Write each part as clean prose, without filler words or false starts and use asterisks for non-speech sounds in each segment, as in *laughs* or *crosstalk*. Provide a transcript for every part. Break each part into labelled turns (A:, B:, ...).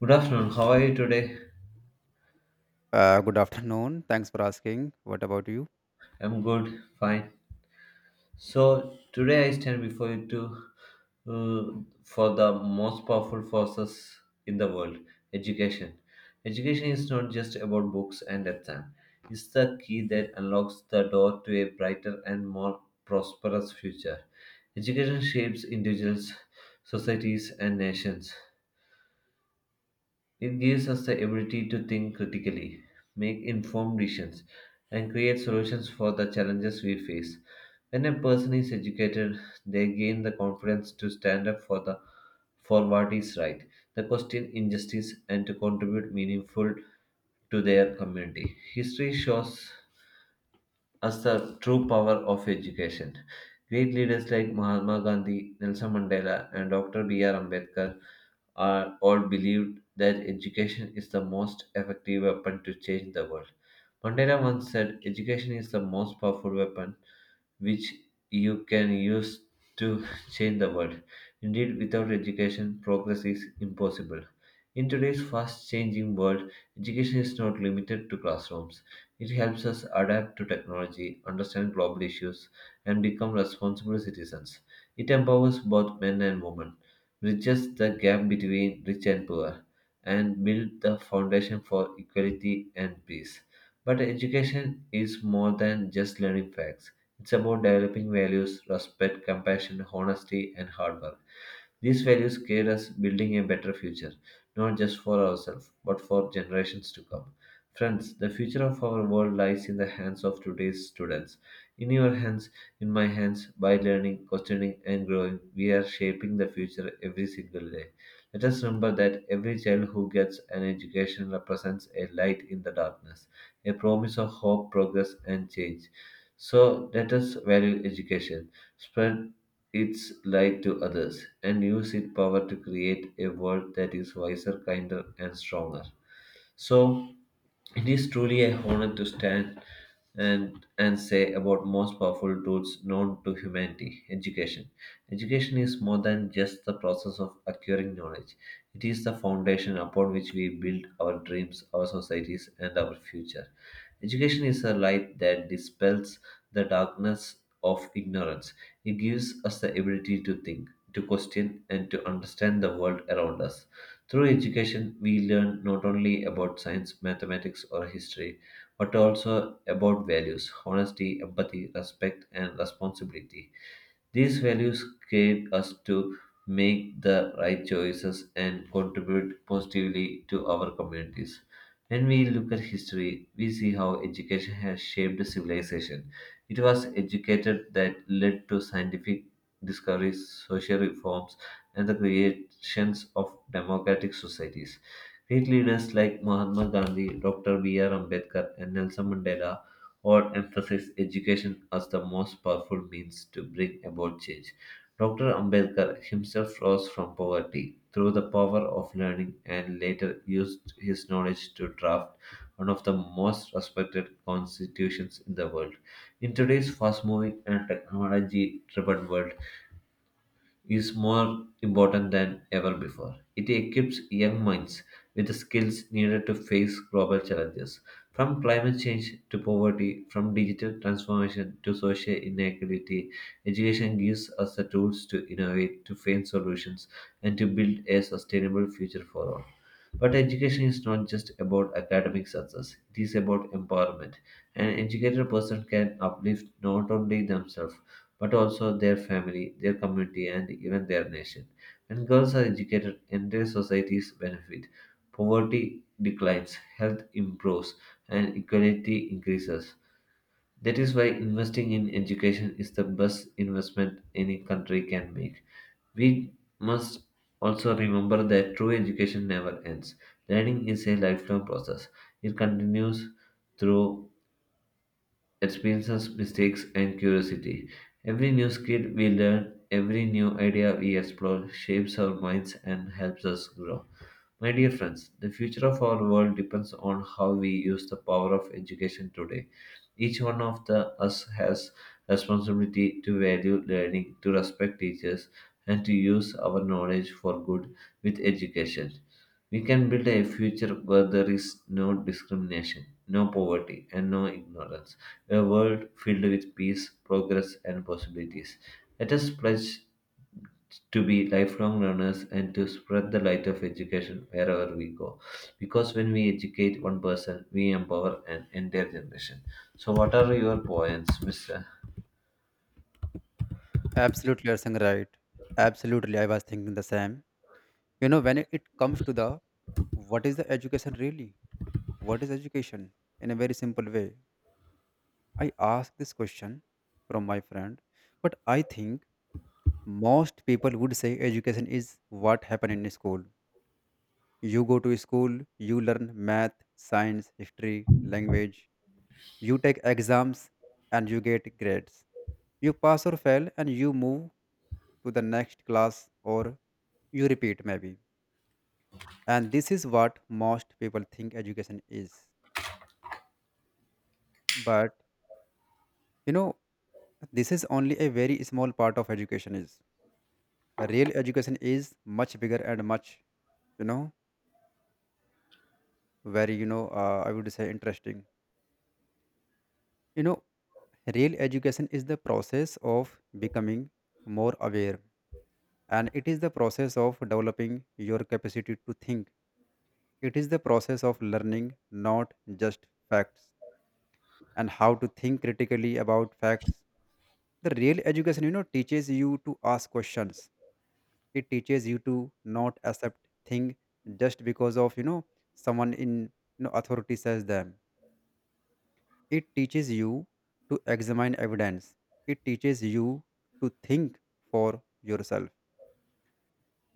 A: Good afternoon. How are you today?
B: Good afternoon. Thanks for asking. What about you?
A: I'm good, fine. So today I stand before you to uh, for the most powerful forces in the world, education. Education is not just about books and exam. It's the key that unlocks the door to a brighter and more prosperous future. Education shapes individuals, societies, and nations. It gives us the ability to think critically, make informed decisions, and create solutions for the challenges we face. When a person is educated, they gain the confidence to stand up for what is right, the question injustice, and to contribute meaningful to their community. History shows as the true power of education. Great leaders like Mahatma Gandhi, Nelson Mandela, and Dr. B.R. Ambedkar are all believed that education is the most effective weapon to change the world. Mandela once said, Education is the most powerful weapon which you can use to *laughs* change the world. Indeed, without education, progress is impossible. In today's fast changing world, education is not limited to classrooms. It helps us adapt to technology, understand global issues, and become responsible citizens. It empowers both men and women, bridges the gap between rich and poor, and builds the foundation for equality and peace. But education is more than just learning facts. It's about developing values, respect, compassion, honesty, and hard work. These values guide us building a better future, not just for ourselves, but for generations to come. Friends, the future of our world lies in the hands of today's students. In your hands, in my hands, by learning, questioning, and growing, we are shaping the future every single day. Let us remember that every child who gets an education represents a light in the darkness, a promise of hope, progress, and change. So let us value education, spread its light to others, and use its power to create a world that is wiser, kinder, and stronger. So it is truly a honor to stand and say about most powerful tools known to humanity education, education is more than just the process of acquiring knowledge. It is the foundation upon which we build our dreams, our societies, and our future. Education is a light that dispels the darkness of ignorance. It gives us the ability to think, to question, and to understand the world around us. Through education, we learn not only about science, mathematics, or history, but also about values, honesty, empathy, respect, and responsibility. These values guide us to make the right choices and contribute positively to our communities. When we look at history, we see how education has shaped civilization. It was education that led to scientific discoveries, social reforms, and the creations of democratic societies. Great leaders like Mahatma Gandhi, Dr. B.R. Ambedkar, and Nelson Mandela or emphasized education as the most powerful means to bring about change. Dr. Ambedkar himself rose from poverty through the power of learning and later used his knowledge to draft one of the most respected constitutions in the world. In today's fast moving and technology driven world, is more important than ever before. It equips young minds with the skills needed to face global challenges, from climate change to poverty, from digital transformation to social inequality. Education gives us the tools to innovate, to find solutions, and to build a sustainable future for all. But education is not just about academic success, it is about empowerment. An educated person can uplift not only themselves but also their family, their community, and even their nation. When girls are educated, entire societies benefit. Poverty declines, health improves, and equality increases. That is why investing in education is the best investment any country can make. We must also remember that true education never ends. Learning is a lifelong process. It continues through experiences, mistakes, and curiosity. Every new skill we learn, every new idea we explore, shapes our minds and helps us grow. My dear friends, the future of our world depends on how we use the power of education today. Each one of the us has responsibility to value learning, to respect teachers, and to use our knowledge for good with education. We can build a future where there is no discrimination, no poverty, and no ignorance. A world filled with peace, progress, and possibilities. Let us pledge to be lifelong learners and to spread the light of education wherever we go. Because when we educate one person, we empower an entire generation. So, what are your points, Mr.?
B: Absolutely, you're saying right. Absolutely, I was thinking the same. When it comes to the what is the education really? What is education? In a very simple way, I asked this question from my friend, but I think most people would say education is what happened in school. You go to school, you learn math, science, history, language, you take exams and you get grades. You pass or fail and you move to the next class or you repeat maybe. And this is what most people think education is. But you know, this is only a very small part of education is. Real education is much bigger and much, you know, very, I would say interesting. You know, Real education is the process of becoming more aware, and it is the process of developing your capacity to think. It is the process of learning not just facts and how to think critically about facts. The real education, teaches you to ask questions. It teaches you to not accept thing just because of someone in authority says them. It teaches you to examine evidence. It teaches you to think for yourself.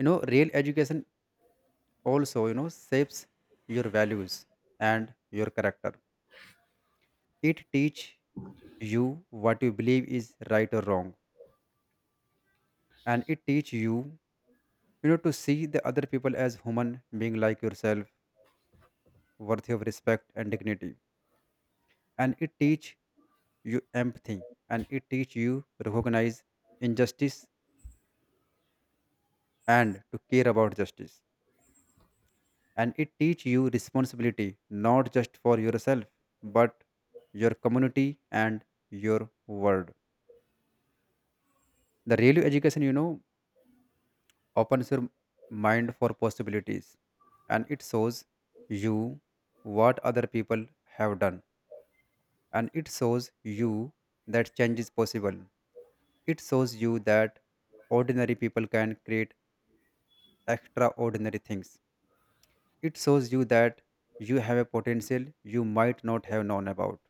B: Real education also, shapes your values and your character. It teach you what you believe is right or wrong. And it teach you, to see the other people as human being like yourself, worthy of respect and dignity. And it teach you empathy and it teach you recognize injustice and to care about justice, and it teach you responsibility not just for yourself but your community and your world. The real education, opens your mind for possibilities, and it shows you what other people have done, and it shows you that change is possible. It shows you that ordinary people can create extraordinary things. It shows you that you have a potential you might not have known about.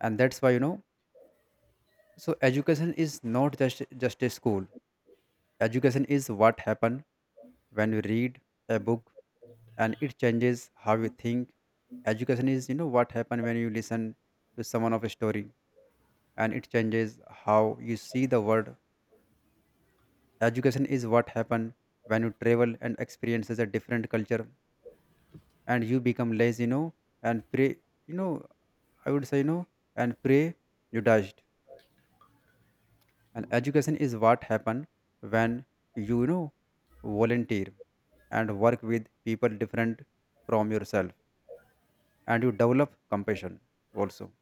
B: And that's why, so education is not just a school. Education is what happen when you read a book and it changes how you think. Education is, what happen when you listen to someone of a story and it changes how you see the world. Education is what happen when you travel and experiences a different culture and you become lazy, and pray, you know I would say, and pray you dashed. And education is what happen when you know volunteer and work with people different from yourself and you develop compassion. Also,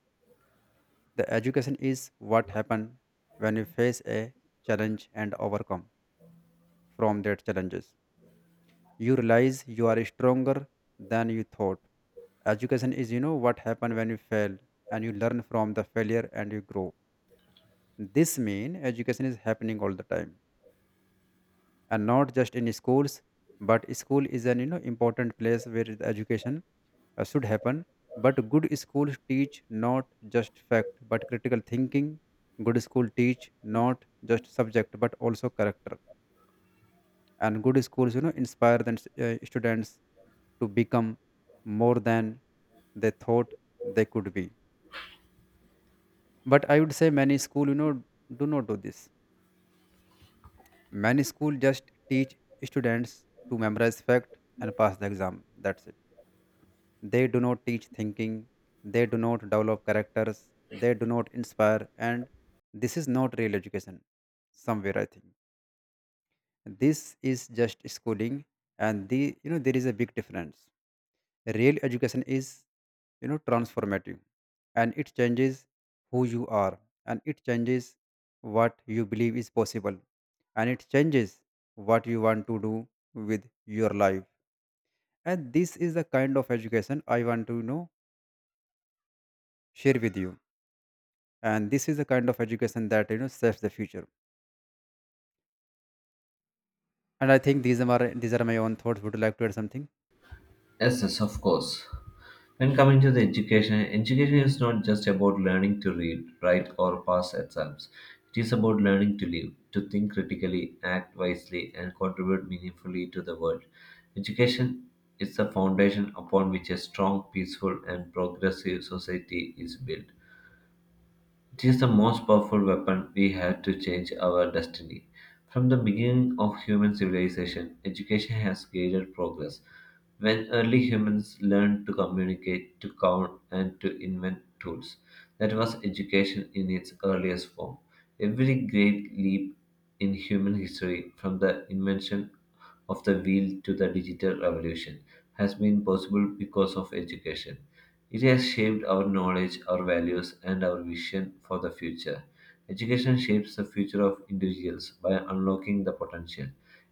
B: the education is what happen when you face a challenge and overcome from that challenges, you realize you are stronger than you thought. Education is, what happen when you fail and you learn from the failure and you grow. This mean education is happening all the time and not just in schools, but school is an, important place where the education should happen. But good schools teach not just fact but critical thinking. Good school teach not just subject but also character. And good schools, inspire the students to become more than they thought they could be. But I would say many school, do not do this. Many school just teach students to memorize fact and pass the exam. That's it. They do not teach thinking, they do not develop characters, they do not inspire, and this is not real education somewhere I think. This is just schooling and the, there is a big difference. Real education is, transformative, and it changes who you are, and it changes what you believe is possible, and it changes what you want to do with your life. And this is the kind of education I want to, share with you. And this is the kind of education that, saves the future. And I think these are my own thoughts. Would you like to add something?
A: Yes, yes, of course. When coming to the education, education is not just about learning to read, write, or pass exams. It is about learning to live, to think critically, act wisely, and contribute meaningfully to the world. Education is the foundation upon which a strong, peaceful, and progressive society is built. It is the most powerful weapon we have to change our destiny. From the beginning of human civilization, education has guided progress. When early humans learned to communicate, to count, and to invent tools, that was education in its earliest form. Every great leap in human history, from the invention of the wheel to the digital revolution, has been possible because of education. It has shaped our knowledge, our values, and our vision for the future. Education shapes the future of individuals by unlocking the potential.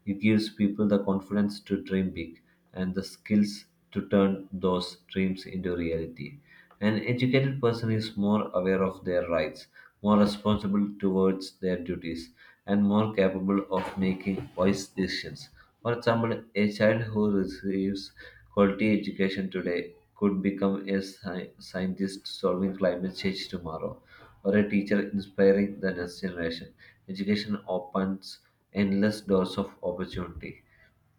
A: It gives people the confidence to dream big and the skills to turn those dreams into reality. An educated person is more aware of their rights, more responsible towards their duties, and more capable of making wise decisions. For example, a child who receives quality education today could become a scientist solving climate change tomorrow, or a teacher inspiring the next generation. Education opens endless doors of opportunity.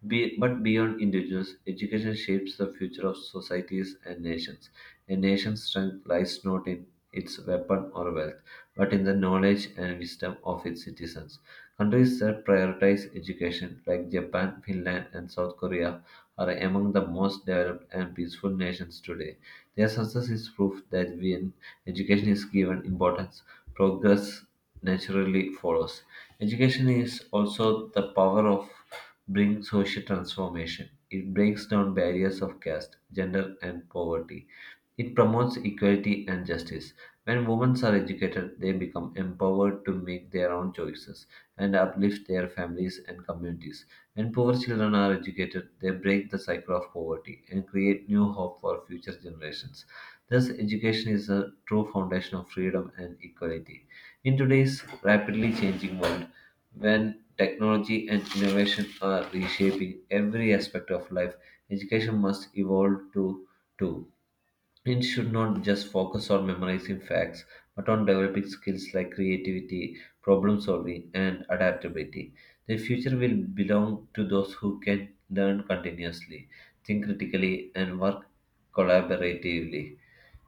A: But beyond individuals, education shapes the future of societies and nations. A nation's strength lies not in its weapon or wealth, but in the knowledge and wisdom of its citizens. Countries that prioritize education, like Japan, Finland, and South Korea, are among the most developed and peaceful nations today. Their success is proof that when education is given importance, progress naturally follows. Education is also the power of bring social transformation. It breaks down barriers of caste, gender, and poverty. It promotes equality and justice. When women are educated, they become empowered to make their own choices and uplift their families and communities. When poor children are educated, they break the cycle of poverty and create new hope for future generations. Thus, education is the true foundation of freedom and equality. In today's rapidly changing world, when technology and innovation are reshaping every aspect of life, education must evolve to too. It should not just focus on memorizing facts, but on developing skills like creativity, problem solving, and adaptability. The future will belong to those who can learn continuously, think critically, and work collaboratively.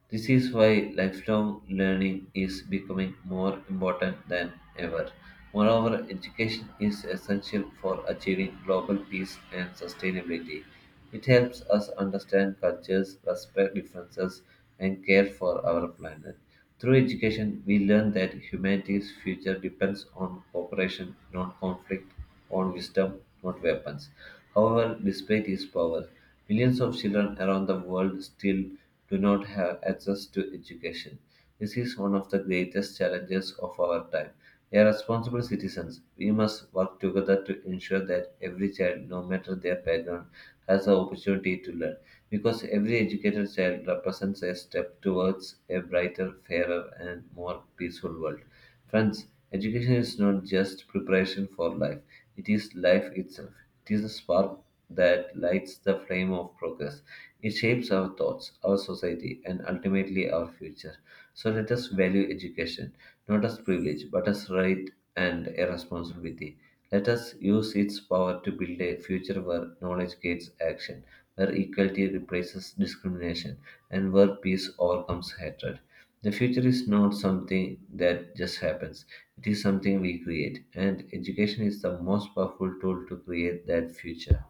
A: This is why lifelong learning is becoming more important than ever. Moreover, education is essential for achieving global peace and sustainability. It helps us understand cultures, respect differences, and care for our planet. Through education, we learn that humanity's future depends on cooperation, not conflict, on wisdom, not weapons. However, despite its power, millions of children around the world still do not have access to education. This is one of the greatest challenges of our time. As responsible citizens, we must work together to ensure that every child, no matter their background, has the opportunity to learn. Because every educated child represents a step towards a brighter, fairer, and more peaceful world. Friends, education is not just preparation for life, it is life itself. It is the spark that lights the flame of progress. It shapes our thoughts, our society, and ultimately our future. So let us value education, not as privilege, but as right and a responsibility. Let us use its power to build a future where knowledge gates action, where equality replaces discrimination, and where peace overcomes hatred. The future is not something that just happens, it is something we create, and education is the most powerful tool to create that future.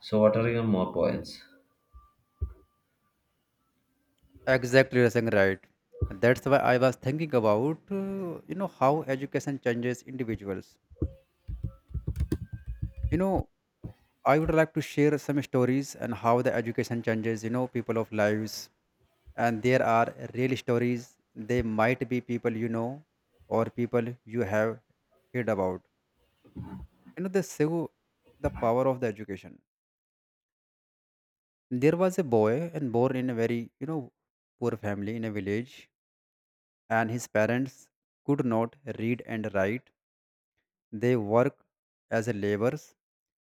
A: So, what are your more points?
B: Exactly, you're saying right. That's why I was thinking about how education changes individuals. you know I would like to share some stories and how the education changes, people of lives. And there are real stories. They might be people you know or people you have heard about. They show the power of the education. There was a boy and born in a very, poor family in a village, and his parents could not read and write. They worked as a laborers.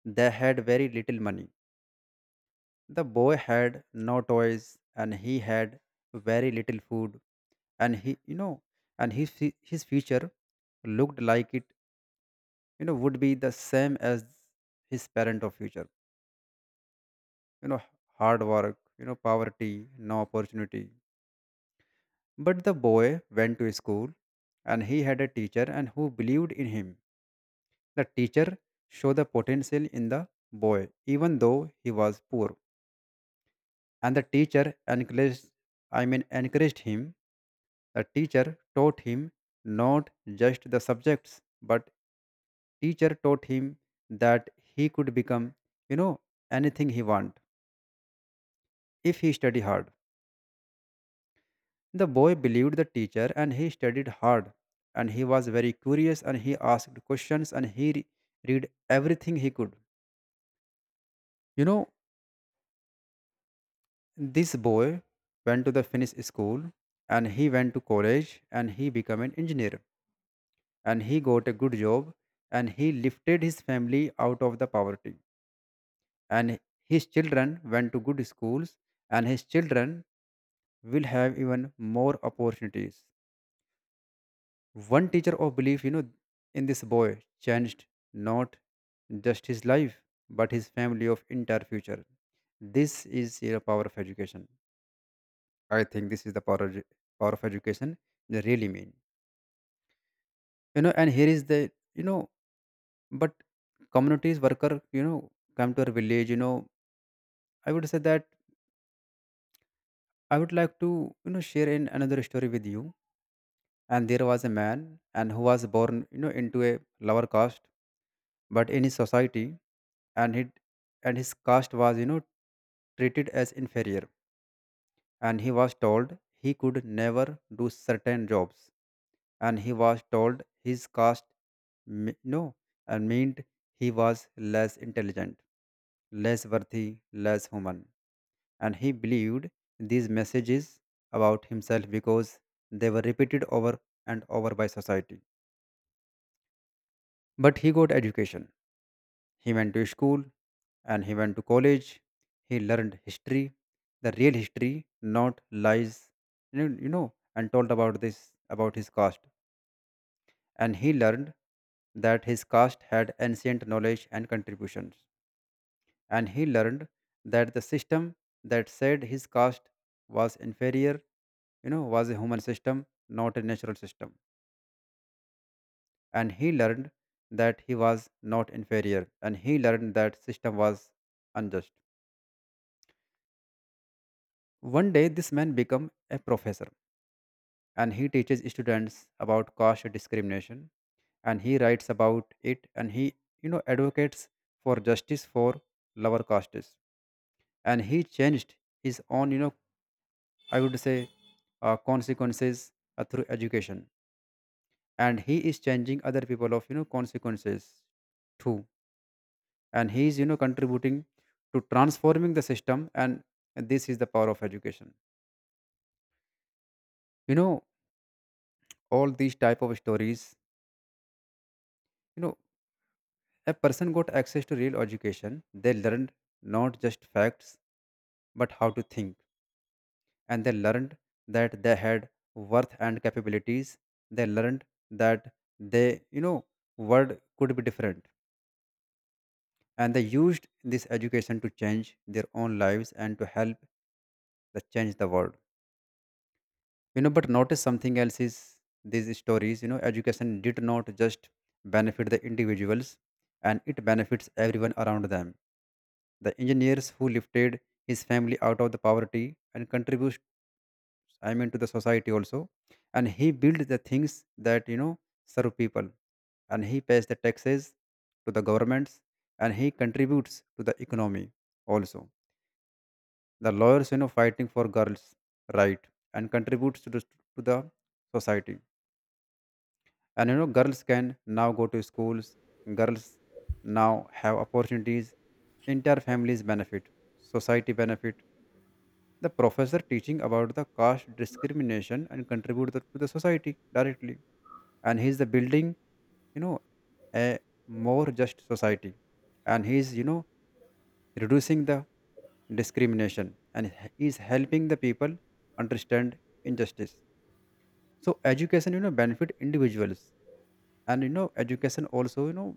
B: They had very little money. The boy had no toys and he had very little food. And he, and his future looked like it, would be the same as his parent of future. you know hard work, poverty, no opportunity. But the boy went to school and he had a teacher and who believed in him. The teacher saw the potential in the boy even though he was poor. And the teacher encouraged, I mean encouraged him. The teacher taught him not just the subjects but teacher taught him that he could become, you know anything he want if he study hard. The boy believed the teacher and he studied hard, and he was very curious, and he asked questions, and read everything he could. You know, this boy went to the Finnish school, and he went to college, and he became an engineer, and he got a good job, and he lifted his family out of the poverty, and his children went to good schools, and his children will have even more opportunities. One teacher of belief, in this boy changed not just his life, but his family of entire future. This is the power of education. I think this is the power of education. They really mean, And here is the, you know, but communities worker, come to our village. I would say that I would like to, share in another story with you. And there was a man, and who was born, into a lower caste but in his society. And he and his caste was, treated as inferior. And he was told he could never do certain jobs. And he was told his caste no and meant he was less intelligent, less worthy, less human. And he believed these messages about himself because they were repeated over and over by society. But he got education. He went to school and he went to college. He learned history, the real history, not lies. And told about this about his caste. And he learned that his caste had ancient knowledge and contributions. And he learned that the system that said his caste was inferior, was a human system, not a natural system. And he learned that he was not inferior. And he learned that system was unjust. One day, this man become a professor, and he teaches students about caste discrimination, and he writes about it, and he, advocates for justice for lower castes. And he changed his own, I would say consequences through education, and he is changing other people of, consequences too, and he is, contributing to transforming the system. And this is the power of education. You know all these type of stories. You know A person got access to real education. They learned not just facts, but how to think. And they learned that they had worth and capabilities. They learned that they, world could be different. And they used this education to change their own lives and to help the change the world. But notice something else is these stories, education did not just benefit the individuals, and it benefits everyone around them. The engineers who lifted his family out of the poverty and contributes, I mean, to the society also. And he built the things that, serve people. And he pays the taxes to the governments and he contributes to the economy also. The lawyers, fighting for girls' right and contributes to to the society. And, girls can now go to schools. Girls now have opportunities. Entire families benefit. Society benefit the professor teaching about the caste discrimination and contribute to the society directly. And he's the building, you know a more just society. And he's, reducing the discrimination. And he's helping the people understand injustice. So education, benefit individuals. And, education also,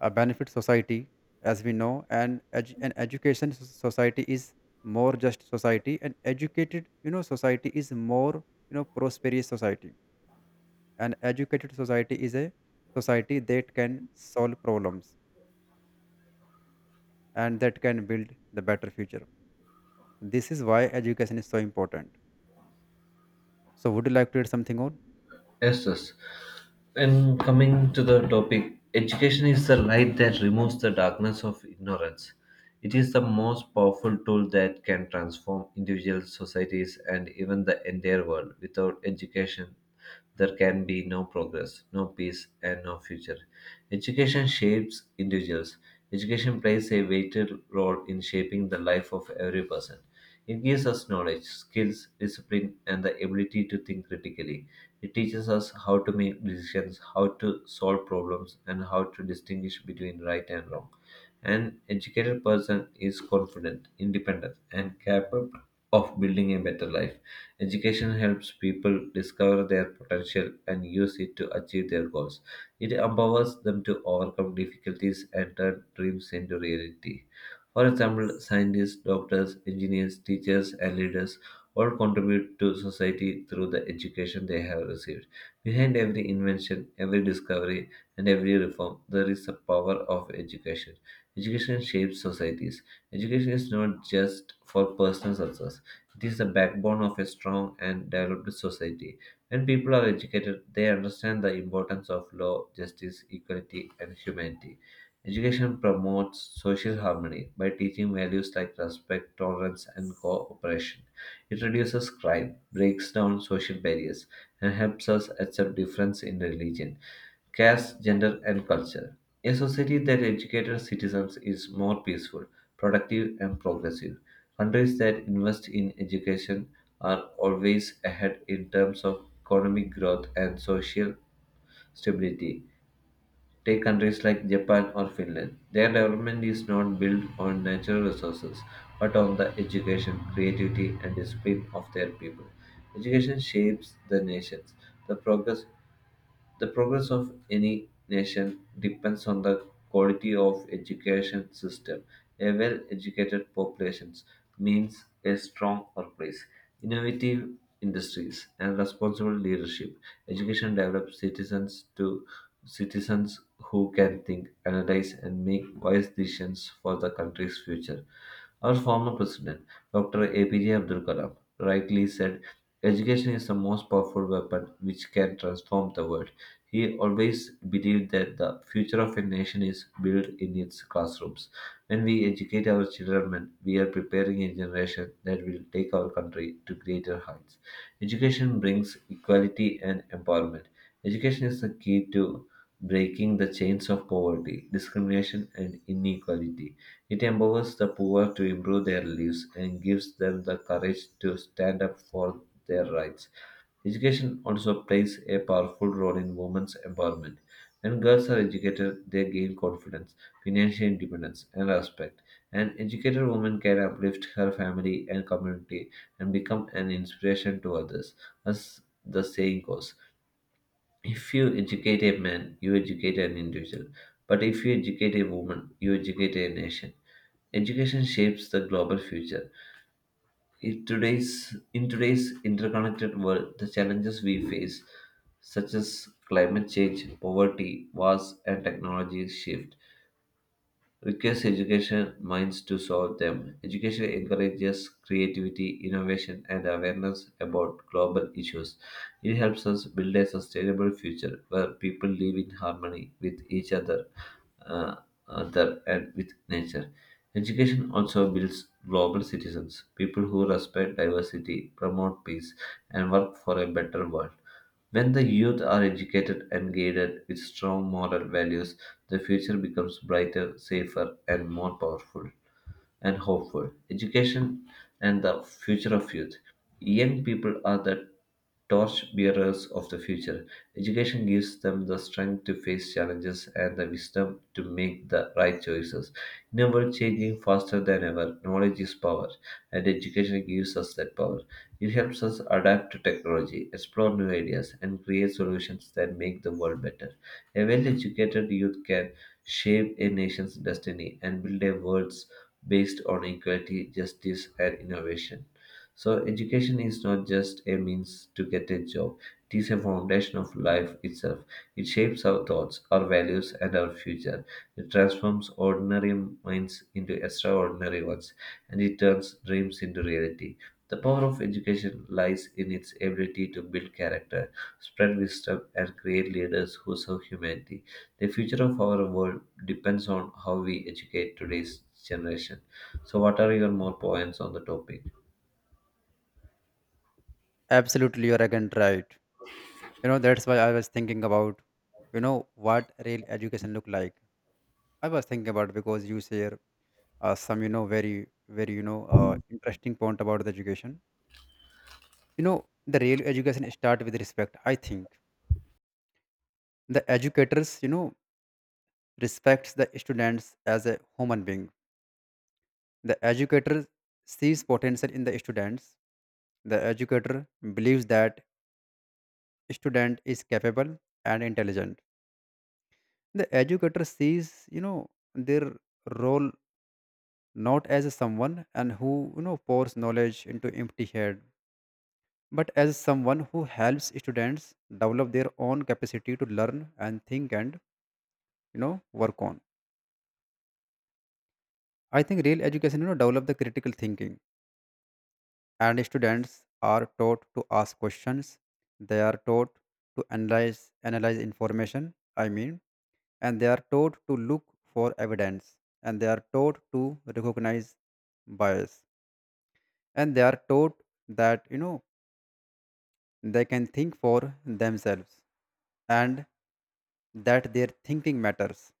B: a benefit society, as we know. And an education society is more just society. And educated, society is more, prosperous society. An educated society is a society that can solve problems and that can build the better future. This is why education is so important. So would you like to add something on?
A: Yes, yes. And coming to the topic, education is the light that removes the darkness of ignorance. It is the most powerful tool that can transform individuals, societies, and even the entire world. Without education, there can be no progress, no peace, and no future. Education shapes individuals. Education plays a vital role in shaping the life of every person. It gives us knowledge, skills, discipline, and the ability to think critically. It teaches us how to make decisions, how to solve problems, and how to distinguish between right and wrong. An educated person is confident, independent, and capable of building a better life. Education helps people discover their potential and use it to achieve their goals. It empowers them to overcome difficulties and turn dreams into reality. For example, scientists, doctors, engineers, teachers, and leaders all contribute to society through the education they have received. Behind every invention, every discovery, and every reform, there is the power of education. Education shapes societies. Education is not just for personal success, it is the backbone of a strong and developed society. When people are educated, they understand the importance of law, justice, equality, and humanity. Education promotes social harmony by teaching values like respect, tolerance, and cooperation. It reduces crime, breaks down social barriers, and helps us accept difference in religion, caste, gender, and culture. A society that educates citizens is more peaceful, productive, and progressive. Countries that invest in education are always ahead in terms of economic growth and social stability. Take countries like Japan or Finland. Their development is not built on natural resources, but on the education, creativity, and discipline of their people. Education shapes the nations. The progress the progress of any nation depends on the quality of education system. A well-educated population means a strong workplace, innovative industries, and responsible leadership. Education develops citizens to Citizens who can think, analyze, and make wise decisions for the country's future. Our former president, Dr. APJ Abdul Kalam, rightly said, Education is the most powerful weapon which can transform the world. He always believed that the future of a nation is built in its classrooms. When we educate our children, we are preparing a generation that will take our country to greater heights. Education brings equality and empowerment. Education is the key to breaking the chains of poverty, discrimination, and inequality. It empowers the poor to improve their lives and gives them the courage to stand up for their rights. Education also plays a powerful role in women's empowerment. When girls are educated, they gain confidence, financial independence, and respect. An educated woman can uplift her family and community and become an inspiration to others. As the saying goes, if you educate a man, you educate an individual. But if you educate a woman, you educate a nation. Education shapes the global future. In today's interconnected world, the challenges we face, such as climate change, poverty, wars, and technology shift, requires education minds to solve them. Education encourages creativity, innovation, and awareness about global issues. It helps us build a sustainable future where people live in harmony with each uh, other and with nature. Education also builds global citizens, people who respect diversity, promote peace, and work for a better world. When the youth are educated and guided with strong moral values, the future becomes brighter, safer, and more powerful and hopeful. Education and the future of youth. Young people are the torch bearers of the future. Education gives them the strength to face challenges and the wisdom to make the right choices. In a world changing faster than ever, knowledge is power, and education gives us that power. It helps us adapt to technology, explore new ideas, and create solutions that make the world better. A well educated youth can shape a nation's destiny and build a world's based on equality, justice, and innovation. So, education is not just a means to get a job, it is a foundation of life itself. It shapes our thoughts, our values, and our future. It transforms ordinary minds into extraordinary ones, and it turns dreams into reality. The power of education lies in its ability to build character, spread wisdom, and create leaders who serve humanity. The future of our world depends on how we educate today's generation. So, what are your more points on the topic?
B: Absolutely, you're again right. That's why I was thinking about, you know what real education look like. I was thinking about because you share some, very, interesting point about the education. The real education start with respect I think. The educators, respects the students as a human being. The educator sees potential in the students. The educator believes that student is capable and intelligent. The educator sees, their role not as someone and who, pours knowledge into empty head, but as someone who helps students develop their own capacity to learn and think and, work on. I think real education, develop the critical thinking. And students are taught to ask questions. They are taught to analyze information, I mean. And they are taught to look for evidence. And they are taught to recognize bias. And they are taught that, they can think for themselves, and that their thinking matters.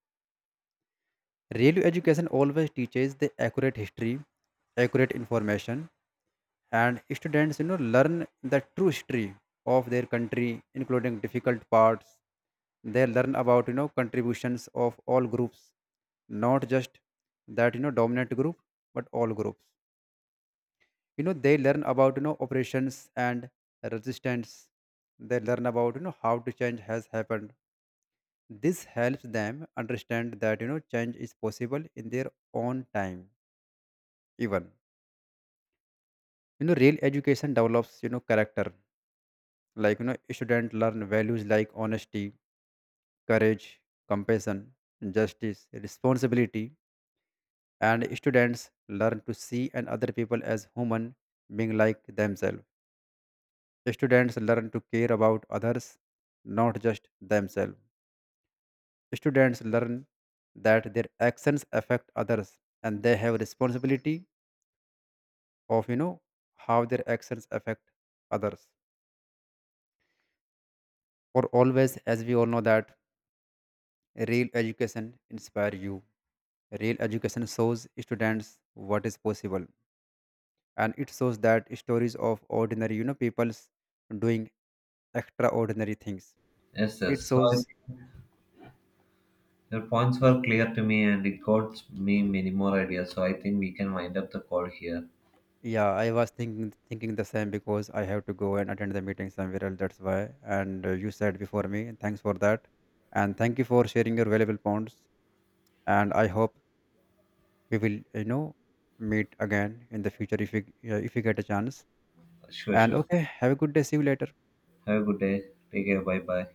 B: Real education always teaches the accurate history, accurate information. And students, learn the true history of their country, including difficult parts. They learn about, contributions of all groups, not just that, dominant group, but all groups. They learn about, operations and resistance. They learn about, how to change has happened. This helps them understand that, change is possible in their own time. Even, real education develops, character. Like, students learn values like honesty, courage, compassion, justice, responsibility. And students learn to see and other people as human being like themselves. Students learn to care about others, not just themselves. Students learn that their actions affect others and they have responsibility of, how their actions affect others. Or always, as we all know that real education inspires you. Real education shows students what is possible, and it shows that stories of ordinary, people's doing extraordinary things.
A: Yes,
B: It
A: yes. So I
B: shows.
A: think your points were clear to me, and it got me many more ideas. So I think we can wind up the call here.
B: Yeah, I was thinking the same because I have to go and attend the meeting somewhere else. That's why. And you said before me, and thanks for that, and thank you for sharing your valuable points. And I hope we will, meet again in the future if we get a chance.
A: Sure,
B: And
A: sure.
B: okay, have a good day. See you later.
A: Have a good day. Take care. Bye, bye.